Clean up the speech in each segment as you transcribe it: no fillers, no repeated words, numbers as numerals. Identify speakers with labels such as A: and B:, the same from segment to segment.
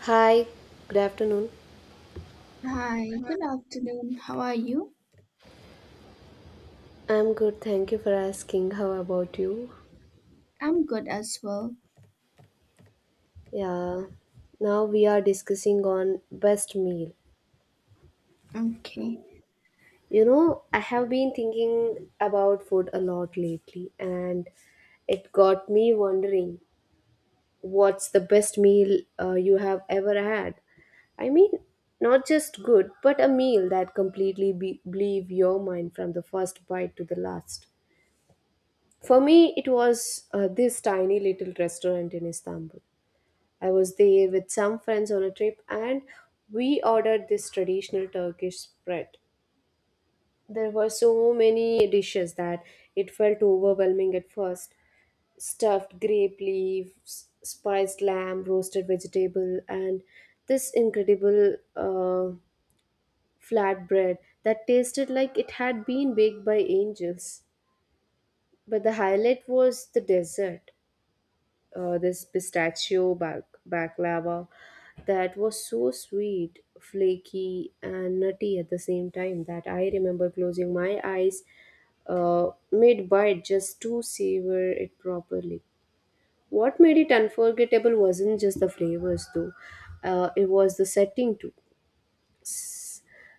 A: Hi, good afternoon.
B: Hi, good afternoon. How are you?
A: I'm good, thank you for asking. How about you?
B: I'm good as well.
A: Yeah, now we are discussing on best meal.
B: Okay.
A: I have been thinking about food a lot lately, and it got me wondering what's the best meal you have ever had? I mean, not just good, but a meal that completely blew your mind from the first bite to the last. For me, it was this tiny little restaurant in Istanbul. I was there with some friends on a trip and we ordered this traditional Turkish spread. There were so many dishes that it felt overwhelming at first. Stuffed grape leaves, spiced lamb, roasted vegetable, and this incredible flatbread that tasted like it had been baked by angels. But the highlight was the dessert. This baklava that was so sweet, flaky, and nutty at the same time that I remember closing my eyes mid bite just to savor it properly. What made it unforgettable wasn't just the flavors though, it was the setting too.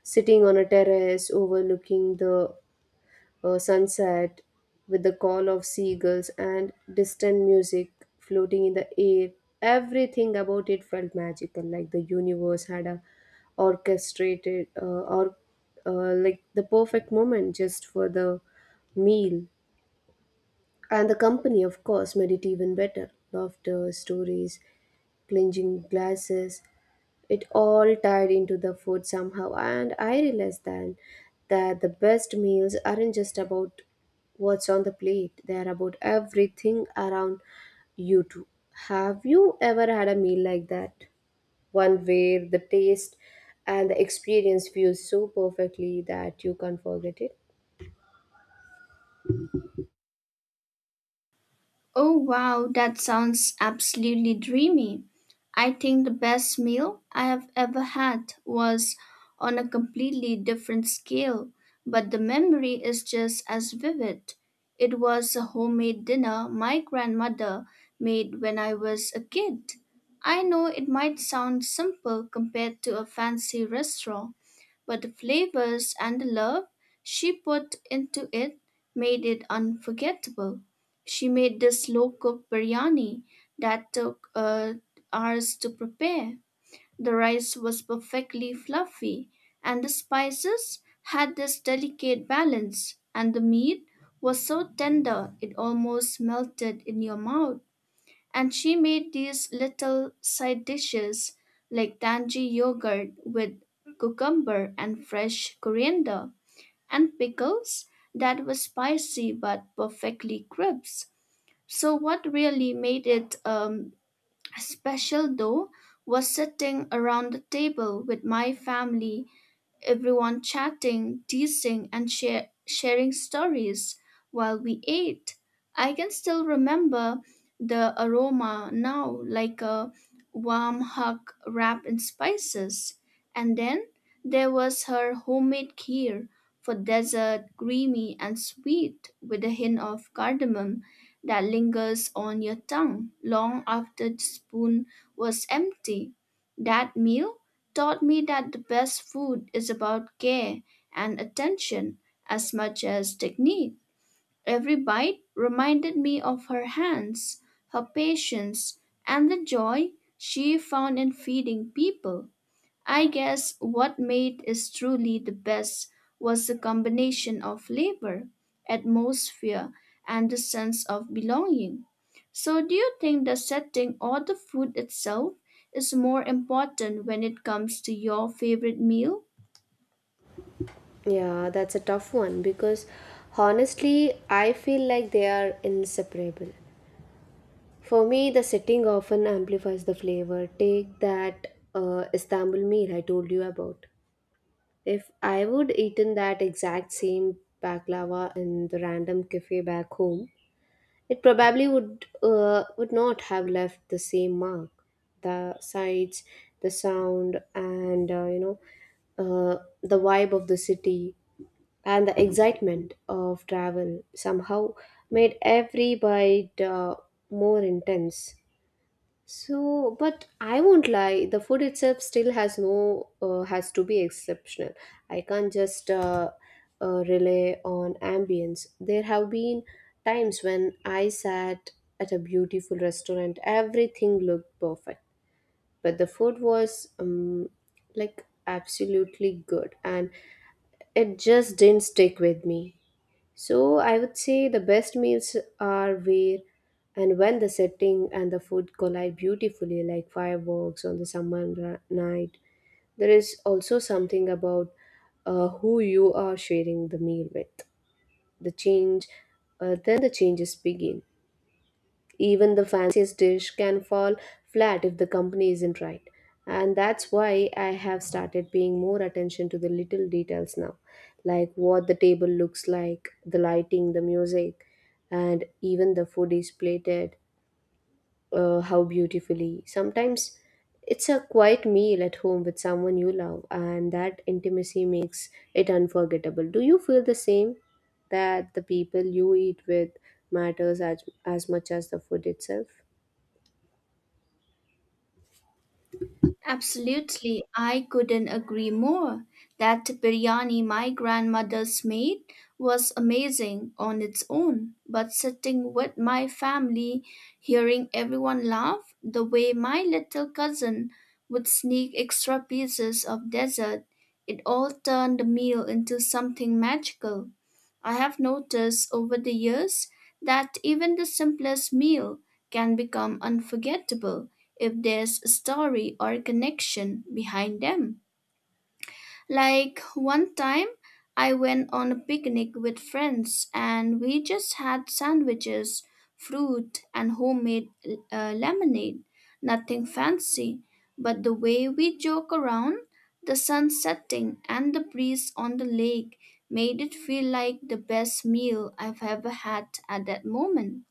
A: Sitting on a terrace overlooking the sunset with the call of seagulls and distant music floating in the air. Everything about it felt magical, like the universe had a orchestrated or like the perfect moment just for the meal, and the company, of course, made it even better. Laughter, stories, clinching glasses, it all tied into the food somehow, and I realized then that the best meals aren't just about what's on the plate, they're about everything around you too. Have you ever had a meal like that? One where the taste and the experience fuse so perfectly that you can't forget it?
B: Oh wow, that sounds absolutely dreamy. I think the best meal I have ever had was on a completely different scale, but the memory is just as vivid. It was a homemade dinner my grandmother made when I was a kid. I know it might sound simple compared to a fancy restaurant, but the flavors and the love she put into it made it unforgettable. She made this low cook biryani that took hours to prepare. The rice was perfectly fluffy, and the spices had this delicate balance, and the meat was so tender it almost melted in your mouth. And she made these little side dishes like tangy yogurt with cucumber and fresh coriander and pickles that were spicy but perfectly crisp. So, what really made it special though was sitting around the table with my family, everyone chatting, teasing, and sharing stories while we ate. I can still remember the aroma now, like a warm hug wrapped in spices. And then there was her homemade kheer for dessert, creamy and sweet, with a hint of cardamom that lingers on your tongue long after the spoon was empty. That meal taught me that the best food is about care and attention as much as technique. Every bite reminded me of her hands, her patience, and the joy she found in feeding people. I guess what made it truly the best was the combination of flavor, atmosphere, and the sense of belonging. So, do you think the setting or the food itself is more important when it comes to your favorite meal?
A: Yeah, that's a tough one because honestly, I feel like they are inseparable. For me, the setting often amplifies the flavor. Take that Istanbul meal I told you about. If I would eaten that exact same baklava in the random cafe back home, it probably would not have left the same mark. The sights, the sound, and the vibe of the city and the excitement of travel somehow made every bite more intense. So, but I won't lie, the food itself still has no has to be exceptional. I can't just rely on ambience. There have been times when I sat at a beautiful restaurant, everything looked perfect, but the food was like absolutely good, and it just didn't stick with me. So I would say the best meals are where and when the setting and the food collide beautifully, like fireworks on the summer night. There is also something about who you are sharing the meal with. The change, then the changes begin. Even the fanciest dish can fall flat if the company isn't right. And that's why I have started paying more attention to the little details now, like what the table looks like, the lighting, the music, and even the food is plated, how beautifully. Sometimes it's a quiet meal at home with someone you love, and that intimacy makes it unforgettable. Do you feel the same? That the people you eat with matters as much as the food itself?
B: Absolutely, I couldn't agree more. That biryani my grandmother's made was amazing on its own, but sitting with my family, hearing everyone laugh, the way my little cousin would sneak extra pieces of dessert, it all turned the meal into something magical. I have noticed over the years that even the simplest meal can become unforgettable if there's a story or connection behind them. Like one time, I went on a picnic with friends and we just had sandwiches, fruit, and homemade lemonade. Nothing fancy, but the way we joke around, the sun setting, and the breeze on the lake made it feel like the best meal I've ever had at that moment.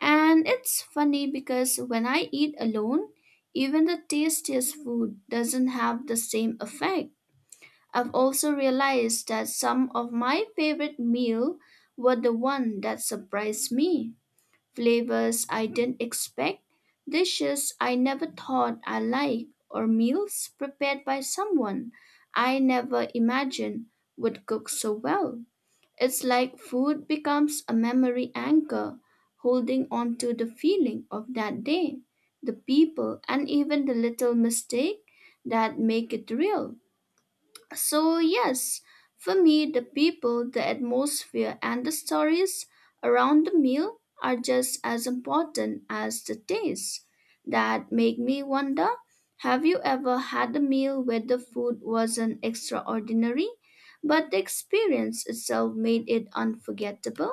B: And it's funny because when I eat alone, even the tastiest food doesn't have the same effect. I've also realized that some of my favorite meal were the one that surprised me. Flavors I didn't expect, dishes I never thought I liked, or meals prepared by someone I never imagined would cook so well. It's like food becomes a memory anchor, holding on to the feeling of that day, the people, and even the little mistake that make it real. So, yes, for me, the people, the atmosphere, and the stories around the meal are just as important as the taste. That make me wonder, have you ever had a meal where the food wasn't extraordinary, but the experience itself made it unforgettable?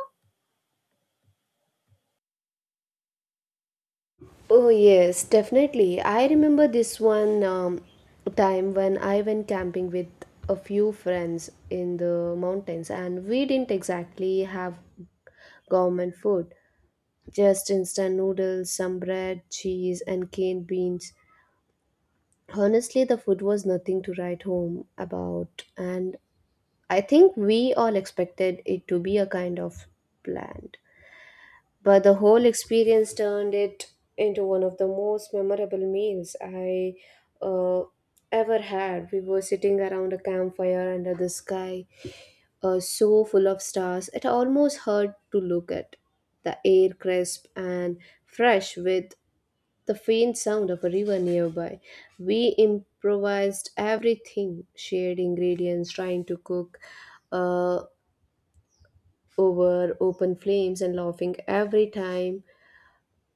A: Oh, yes, definitely. I remember this one time when I went camping with a few friends in the mountains, and we didn't exactly have government food, just instant noodles, some bread, cheese, and canned beans. Honestly, the food was nothing to write home about, and I think we all expected it to be a kind of bland. But the whole experience turned it into one of the most memorable meals I uh, ever had. We were sitting around a campfire under the sky, so full of stars it almost hurt to look at. The air crisp and fresh with the faint sound of a river nearby. We improvised everything, shared ingredients, trying to cook uh, over open flames and laughing every time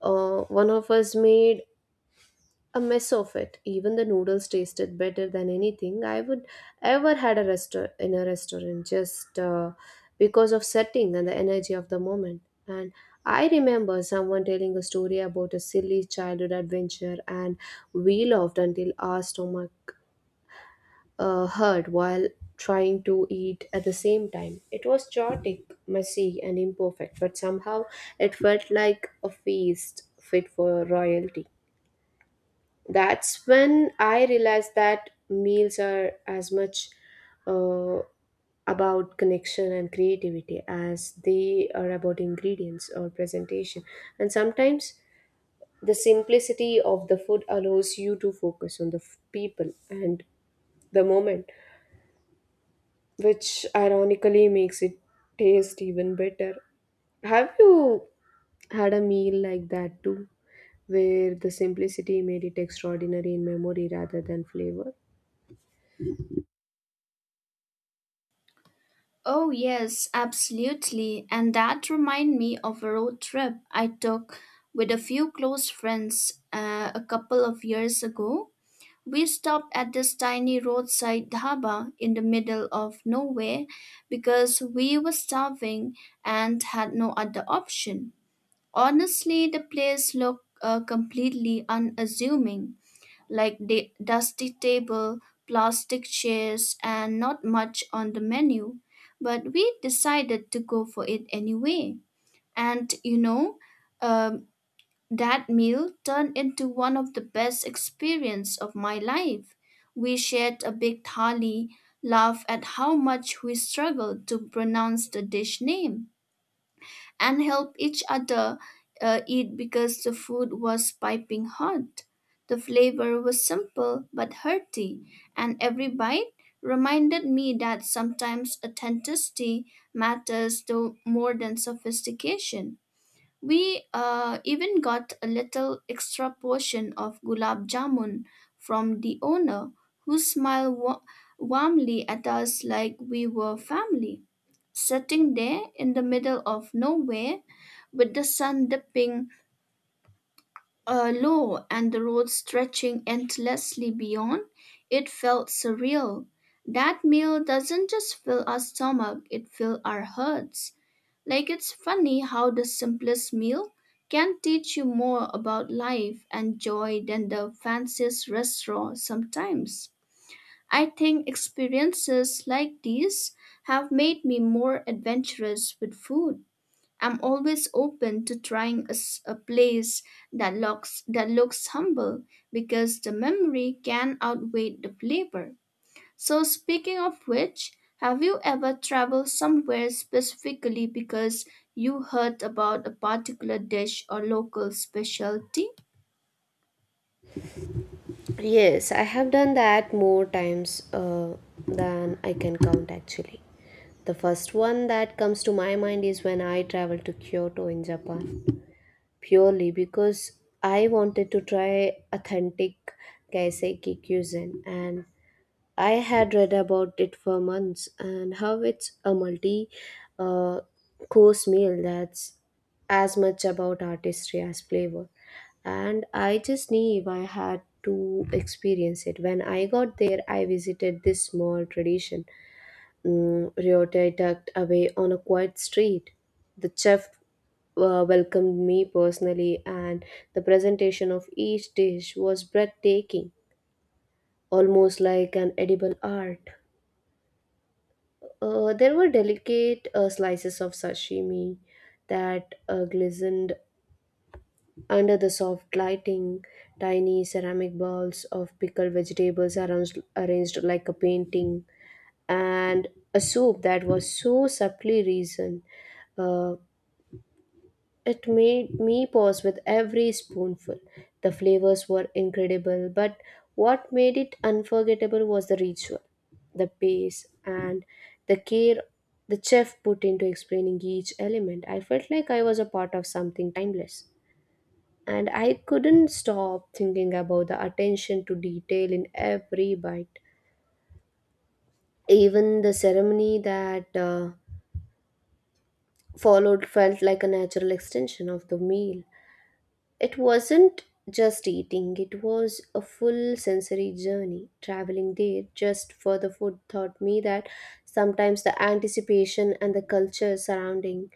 A: one of us made a mess of it. Even the noodles tasted better than anything I would ever had a restaur in a restaurant, just because of setting and the energy of the moment. And I remember someone telling a story about a silly childhood adventure, and we laughed until our stomach hurt while trying to eat at the same time. It was chaotic, messy, and imperfect, but somehow it felt like a feast fit for royalty. That's when I realized that meals are as much uh, about connection and creativity as they are about ingredients or presentation. And sometimes the simplicity of the food allows you to focus on the people and the moment, which ironically makes it taste even better. Have you had a meal like that too, where the simplicity made it extraordinary in memory rather than flavor?
B: Oh, yes, absolutely. And that remind me of a road trip I took with a few close friends a couple of years ago. We stopped at this tiny roadside dhaba in the middle of nowhere because we were starving and had no other option. Honestly, the place looked completely unassuming, like the dusty table, plastic chairs, and not much on the menu. But we decided to go for it anyway. And you know, um, that meal turned into one of the best experience of my life. We shared a big thali, laughed at how much we struggled to pronounce the dish name, and helped each other eat because the food was piping hot. The flavor was simple but hearty, and every bite reminded me that sometimes authenticity matters though more than sophistication. We even got a little extra portion of gulab jamun from the owner, who smiled warmly at us like we were family. Sitting there in the middle of nowhere, with the sun dipping low and the road stretching endlessly beyond, it felt surreal. That meal doesn't just fill our stomach, it fills our hearts. Like, it's funny how the simplest meal can teach you more about life and joy than the fanciest restaurant sometimes. I think experiences like these have made me more adventurous with food. I'm always open to trying a place that looks humble because the memory can outweigh the flavor. So, speaking of which, have you ever traveled somewhere specifically because you heard about a particular dish or local specialty?
A: Yes, I have done that more times than I can count actually. The first one that comes to my mind is when I traveled to Kyoto in Japan, purely because I wanted to try authentic kaiseki cuisine, and I had read about it for months and how it's a multi uh, course meal that's as much about artistry as flavor. And I just knew I had to experience it. When I got there, I visited this small tradition, Ryotai tucked away on a quiet street. The chef welcomed me personally, and the presentation of each dish was breathtaking, almost like an edible art. There were delicate slices of sashimi that glistened under the soft lighting. Tiny ceramic balls of pickled vegetables arranged like a painting, and a soup that was so subtly reasoned uh, it made me pause with every spoonful. The flavors were incredible, but what made it unforgettable was the ritual, the pace, and the care the chef put into explaining each element. I felt like I was a part of something timeless. And I couldn't stop thinking about the attention to detail in every bite. Even the ceremony that followed felt like a natural extension of the meal. It wasn't just eating, it was a full sensory journey. Traveling there just for the food taught me that sometimes the anticipation and the culture surrounding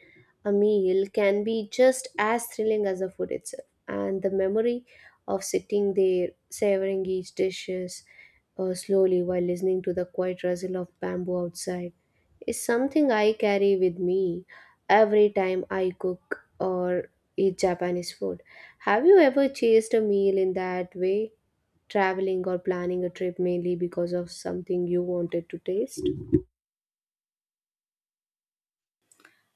A: a meal can be just as thrilling as the food itself. And the memory of sitting there, savoring each dishes slowly while listening to the quiet rustle of bamboo outside is something I carry with me every time I cook or eat Japanese food. Have you ever chased a meal in that way, traveling or planning a trip mainly because of something you wanted to taste?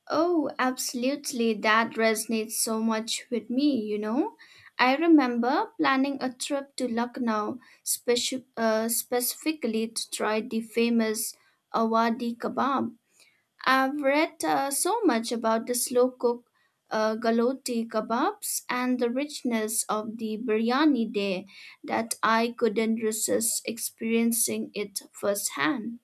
B: Oh, absolutely. That resonates so much with me, you know. I remember planning a trip to Lucknow specifically to try the famous Awadi kebab. I've read so much about the slow cook galotti kebabs and the richness of the biryani there that I couldn't resist experiencing it firsthand.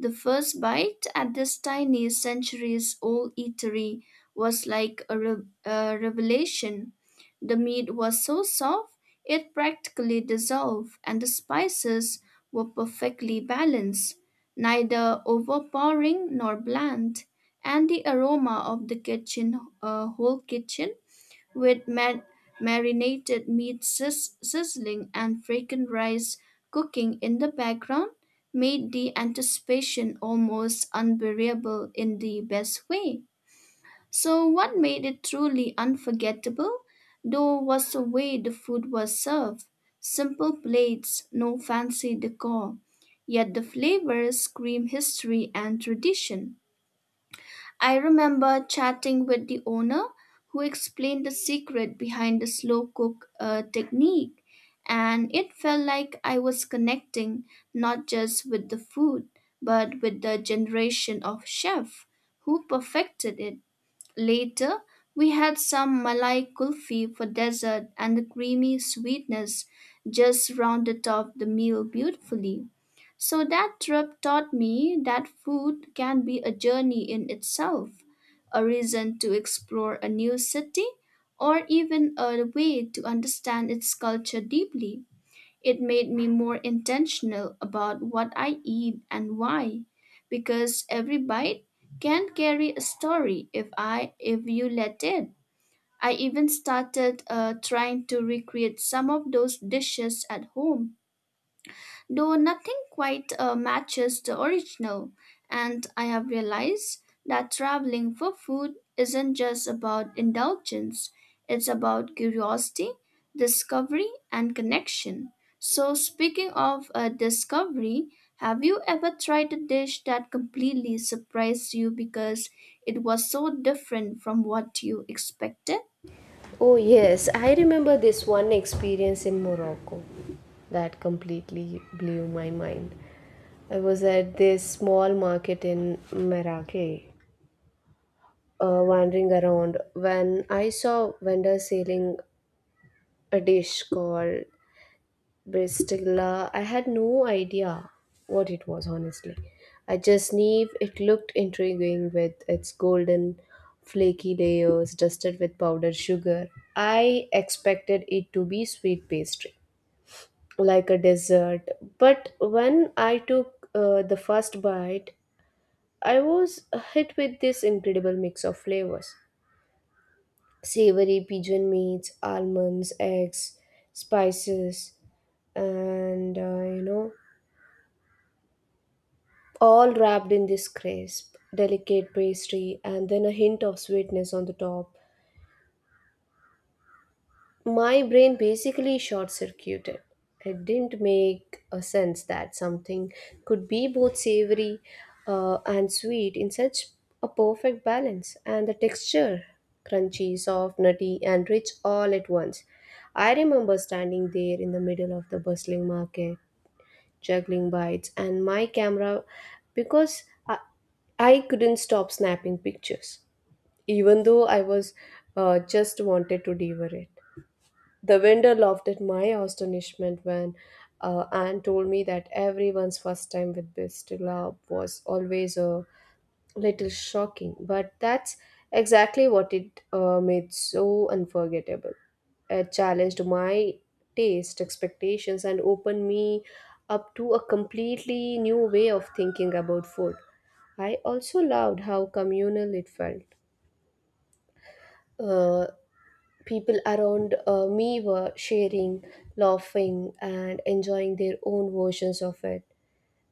B: The first bite at this tiny, centuries old eatery was like a revelation. The meat was so soft it practically dissolved, and the spices were perfectly balanced, neither overpowering nor bland. And the aroma of the kitchen, whole kitchen, with marinated meat sizzling and fragrant rice cooking in the background made the anticipation almost unbearable in the best way. So, what made it truly unforgettable, though, was the way the food was served, simple plates, no fancy decor. Yet the flavors scream history and tradition. I remember chatting with the owner who explained the secret behind the slow cook technique, and it felt like I was connecting not just with the food but with the generation of chef who perfected it. Later, we had some Malay kulfi for dessert, and the creamy sweetness just rounded off the meal beautifully. So that trip taught me that food can be a journey in itself, a reason to explore a new city, or even a way to understand its culture deeply. It made me more intentional about what I eat and why, because every bite can carry a story if you let it. I even started trying to recreate some of those dishes at home though nothing quite matches the original. And I have realized that traveling for food isn't just about indulgence, it's about curiosity, discovery, and connection. So, speaking of discovery, have you ever tried a dish that completely surprised you because it was so different from what you expected?
A: Oh, yes, I remember this one experience in Morocco that completely blew my mind. I was at this small market in Marrakech, wandering around when I saw vendors selling a dish called Bristilla. I had no idea what it was, honestly. I just knew it looked intriguing with its golden, flaky layers dusted with powdered sugar. I expected it to be sweet pastry, like a dessert. But when I took the first bite, I was hit with this incredible mix of flavors, savory pigeon meats, almonds, eggs, spices, and all wrapped in this crisp, delicate pastry and then a hint of sweetness on the top. My brain basically short circuited. It didn't make a sense that something could be both savory and sweet in such a perfect balance, and the texture crunchy, soft, nutty, and rich all at once. I remember standing there in the middle of the bustling market juggling bites, and my camera because I couldn't stop snapping pictures, even though I was just wanted to devour it. The vendor laughed at my astonishment when Anne told me that everyone's first time with Bistila was always a little shocking, but that's exactly what it made so unforgettable. It challenged my taste, expectations, and opened me up to a completely new way of thinking about food. I also loved how communal it felt. Uh, People around me were sharing, laughing, and enjoying their own versions of it.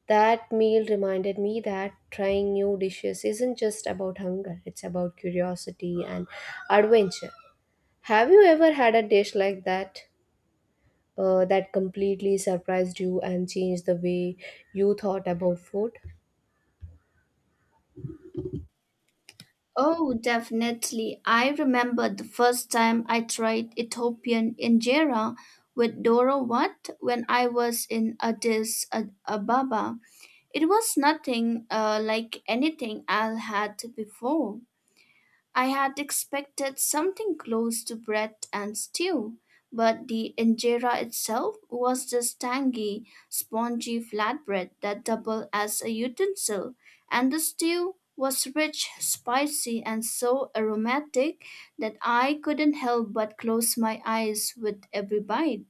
A: That meal reminded me that trying new dishes isn't just about hunger, it's about curiosity and adventure. Have you ever had a dish like that that completely surprised you and changed the way you thought about food?
B: Oh, definitely. I remember the first time I tried Ethiopian injera with Doro Wat when I was in Addis Ababa. It was nothing like anything I had before. I had expected something close to bread and stew, but the injera itself was this tangy, spongy flatbread that doubled as a utensil, and the stew was rich, spicy, and so aromatic that I couldn't help but close my eyes with every bite.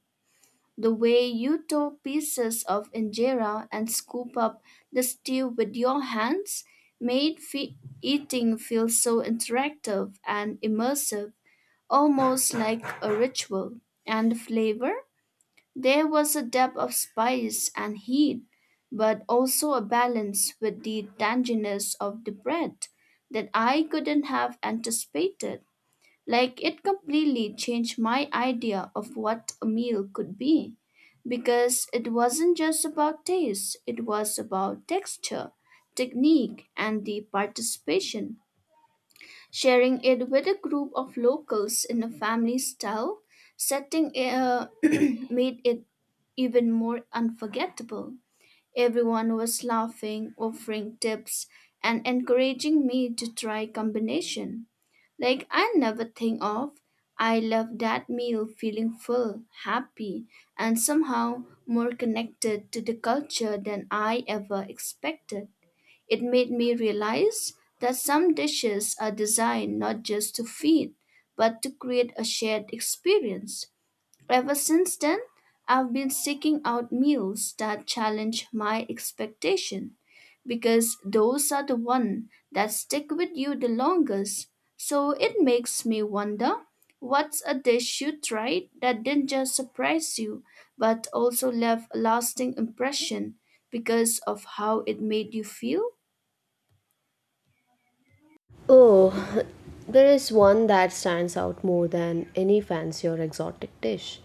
B: The way you tore pieces of injera and scoop up the stew with your hands made eating feel so interactive and immersive, almost like a ritual. And the flavor? There was a depth of spice and heat, but also a balance with the tanginess of the bread that I couldn't have anticipated. Like, it completely changed my idea of what a meal could be because it wasn't just about taste, it was about texture, technique, and the participation. Sharing it with a group of locals in a family style setting made it even more unforgettable. Everyone was laughing, offering tips, and encouraging me to try combination. Like I never think of. I left that meal feeling full, happy, and somehow more connected to the culture than I ever expected. It made me realize that some dishes are designed not just to feed, but to create a shared experience. Ever since then, I've been seeking out meals that challenge my expectation because those are the ones that stick with you the longest. So it makes me wonder, what's a dish you tried that didn't just surprise you but also left a lasting impression because of how it made you feel?
A: Oh, there is one that stands out more than any fancy or exotic dish.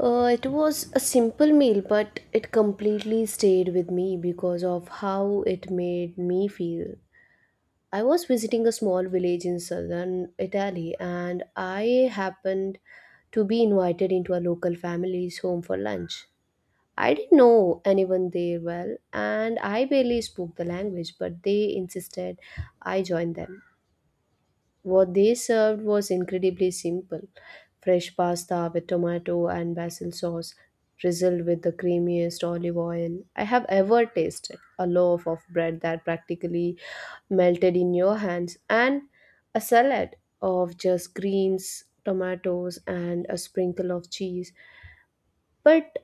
A: It was a simple meal, but it completely stayed with me because of how it made me feel. I was visiting a small village in southern Italy, and I happened to be invited into a local family's home for lunch. I didn't know anyone there well, and I barely spoke the language, but they insisted I join them. What they served was incredibly simple fresh pasta with tomato and basil sauce, drizzled with the creamiest olive oil I have ever tasted, a loaf of bread that practically melted in your hands, and a salad of just greens, tomatoes, and a sprinkle of cheese. But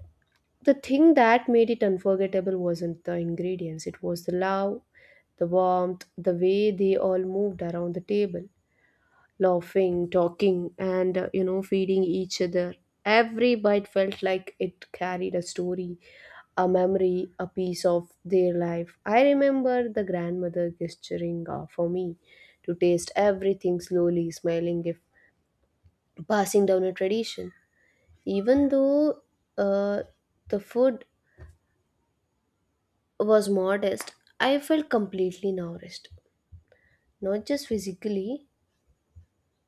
A: the thing that made it unforgettable wasn't the ingredients, it was the love, the warmth, the way they all moved around the table laughing, talking, and feeding each other. Every bite felt like it carried a story, a memory, a piece of their life. I remember the grandmother gesturing for me to taste everything slowly, smiling if passing down a tradition. Even though uh, the food was modest, I felt completely nourished, not just physically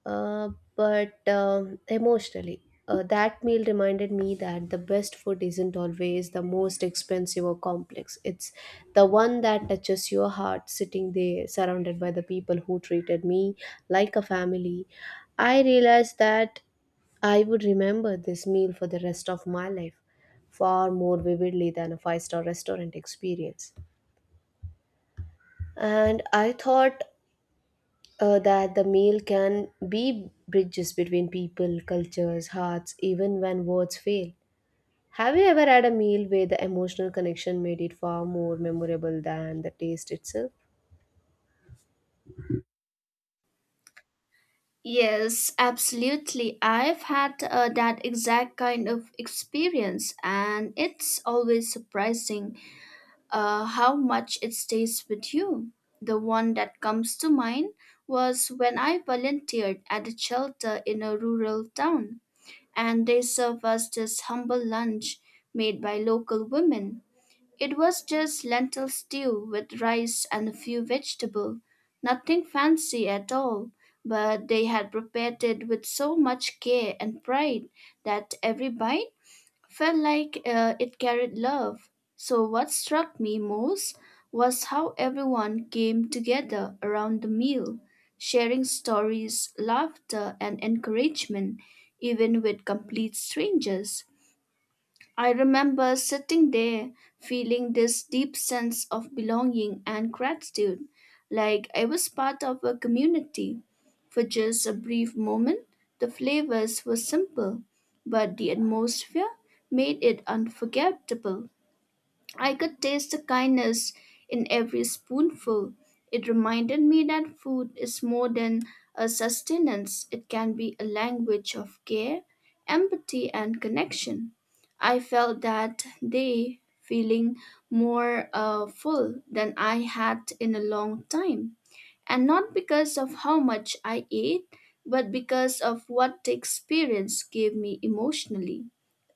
A: uh, but emotionally. That meal reminded me that the best food isn't always the most expensive or complex. It's the one that touches your heart, sitting there surrounded by the people who treated me like a family. I realized that I would remember this meal for the rest of my life far more vividly than a five-star restaurant experience. And I thought that the meal can be bridges between people, cultures, hearts, even when words fail. Have you ever had a meal where the emotional connection made it far more memorable than the taste itself?
B: Yes, absolutely. I've had that exact kind of experience, and it's always surprising how much it stays with you. The one that comes to mind was when I volunteered at a shelter in a rural town, and they served us this humble lunch made by local women. It was just lentil stew with rice and a few vegetables, nothing fancy at all, but they had prepared it with so much care and pride that every bite felt like it carried love. So, what struck me most was how everyone came together around the meal, sharing stories, laughter, and encouragement, even with complete strangers. I remember sitting there feeling this deep sense of belonging and gratitude, like I was part of a community. For just a brief moment, the flavors were simple, but the atmosphere made it unforgettable. I could taste the kindness in every spoonful. It reminded me that food is more than a sustenance, it can be a language of care, empathy, and connection. I felt that day feeling more full than I had in a long time. And not because of how much I ate, but because of what the experience gave me emotionally.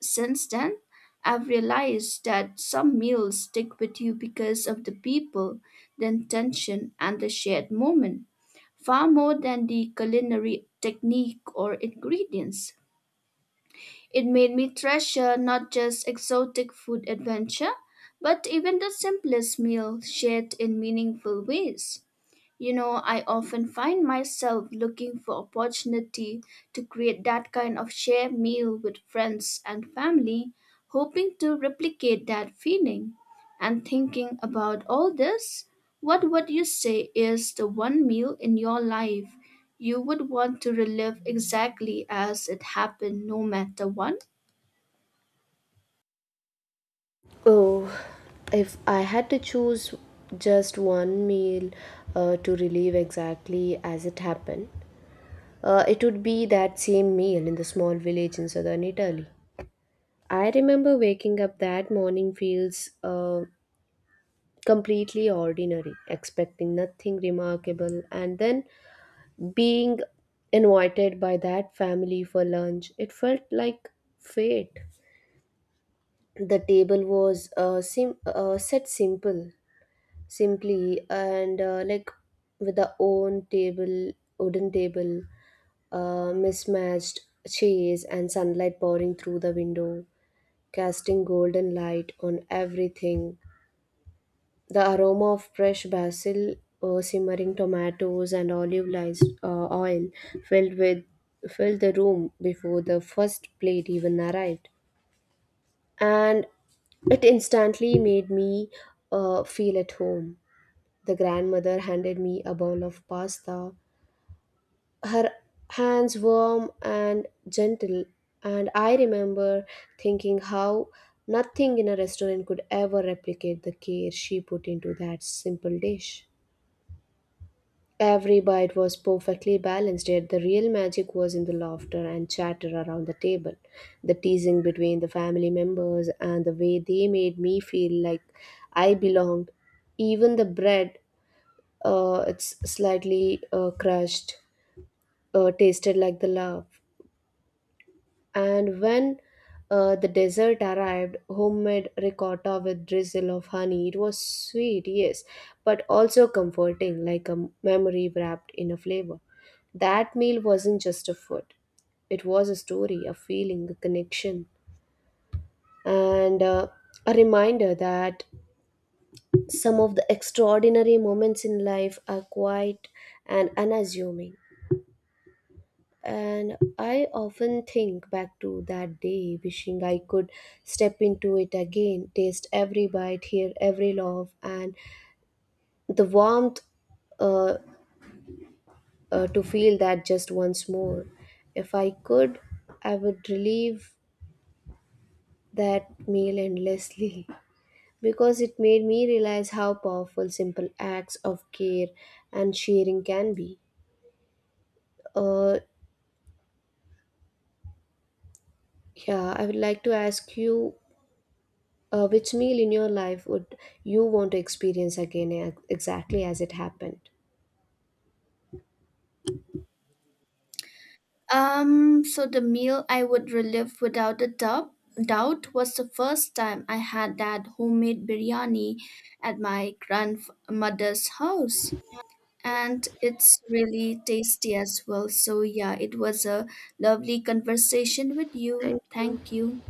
B: Since then, I've realized that some meals stick with you because of the people, the intention, and the shared moment, far more than the culinary technique or ingredients. It made me treasure not just exotic food adventure, but even the simplest meal shared in meaningful ways. You know, I often find myself looking for opportunity to create that kind of shared meal with friends and family, hoping to replicate that feeling. And thinking about all this, what would you say is the one meal in your life you would want to relive exactly as it happened, no matter what?
A: Oh, if I had to choose just one meal to relive exactly as it happened, it would be that same meal in the small village in southern Italy. I remember waking up that morning feels completely ordinary, expecting nothing remarkable, and then being invited by that family for lunch. It felt like fate. The table was set simple, simply, and like with the own table, wooden table, mismatched chairs, and sunlight pouring through the window, casting golden light on everything. The aroma of fresh basil, simmering tomatoes, and olive lice, oil filled with filled the room before the first plate even arrived, and it instantly made me feel at home. The grandmother handed me a bowl of pasta, her hands warm and gentle, and I remember thinking how nothing in a restaurant could ever replicate the care she put into that simple dish. Every bite was perfectly balanced, yet the real magic was in the laughter and chatter around the table, the teasing between the family members, and the way they made me feel like I belonged. Even the bread, it's slightly crushed, tasted like the love. And when the dessert arrived, homemade ricotta with drizzle of honey, it was sweet, yes, but also comforting, like a memory wrapped in a flavor. That meal wasn't just a food, it was a story, a feeling, a connection, and a reminder that some of the extraordinary moments in life are quiet and unassuming. And I often think back to that day, wishing I could step into it again, taste every bite, hear every laugh, and the warmth uh, to feel that just once more. If I could, I would relive that meal endlessly because it made me realize how powerful simple acts of care and sharing can be. Uh, yeah, I would like to ask you, which meal in your life would you want to experience again exactly as it happened?
B: So the meal I would relive without a doubt was the first time I had that homemade biryani at my grandmother's house. And it's really tasty as well. So, yeah, it was a lovely conversation with you.
A: Thank you.
B: Thank you.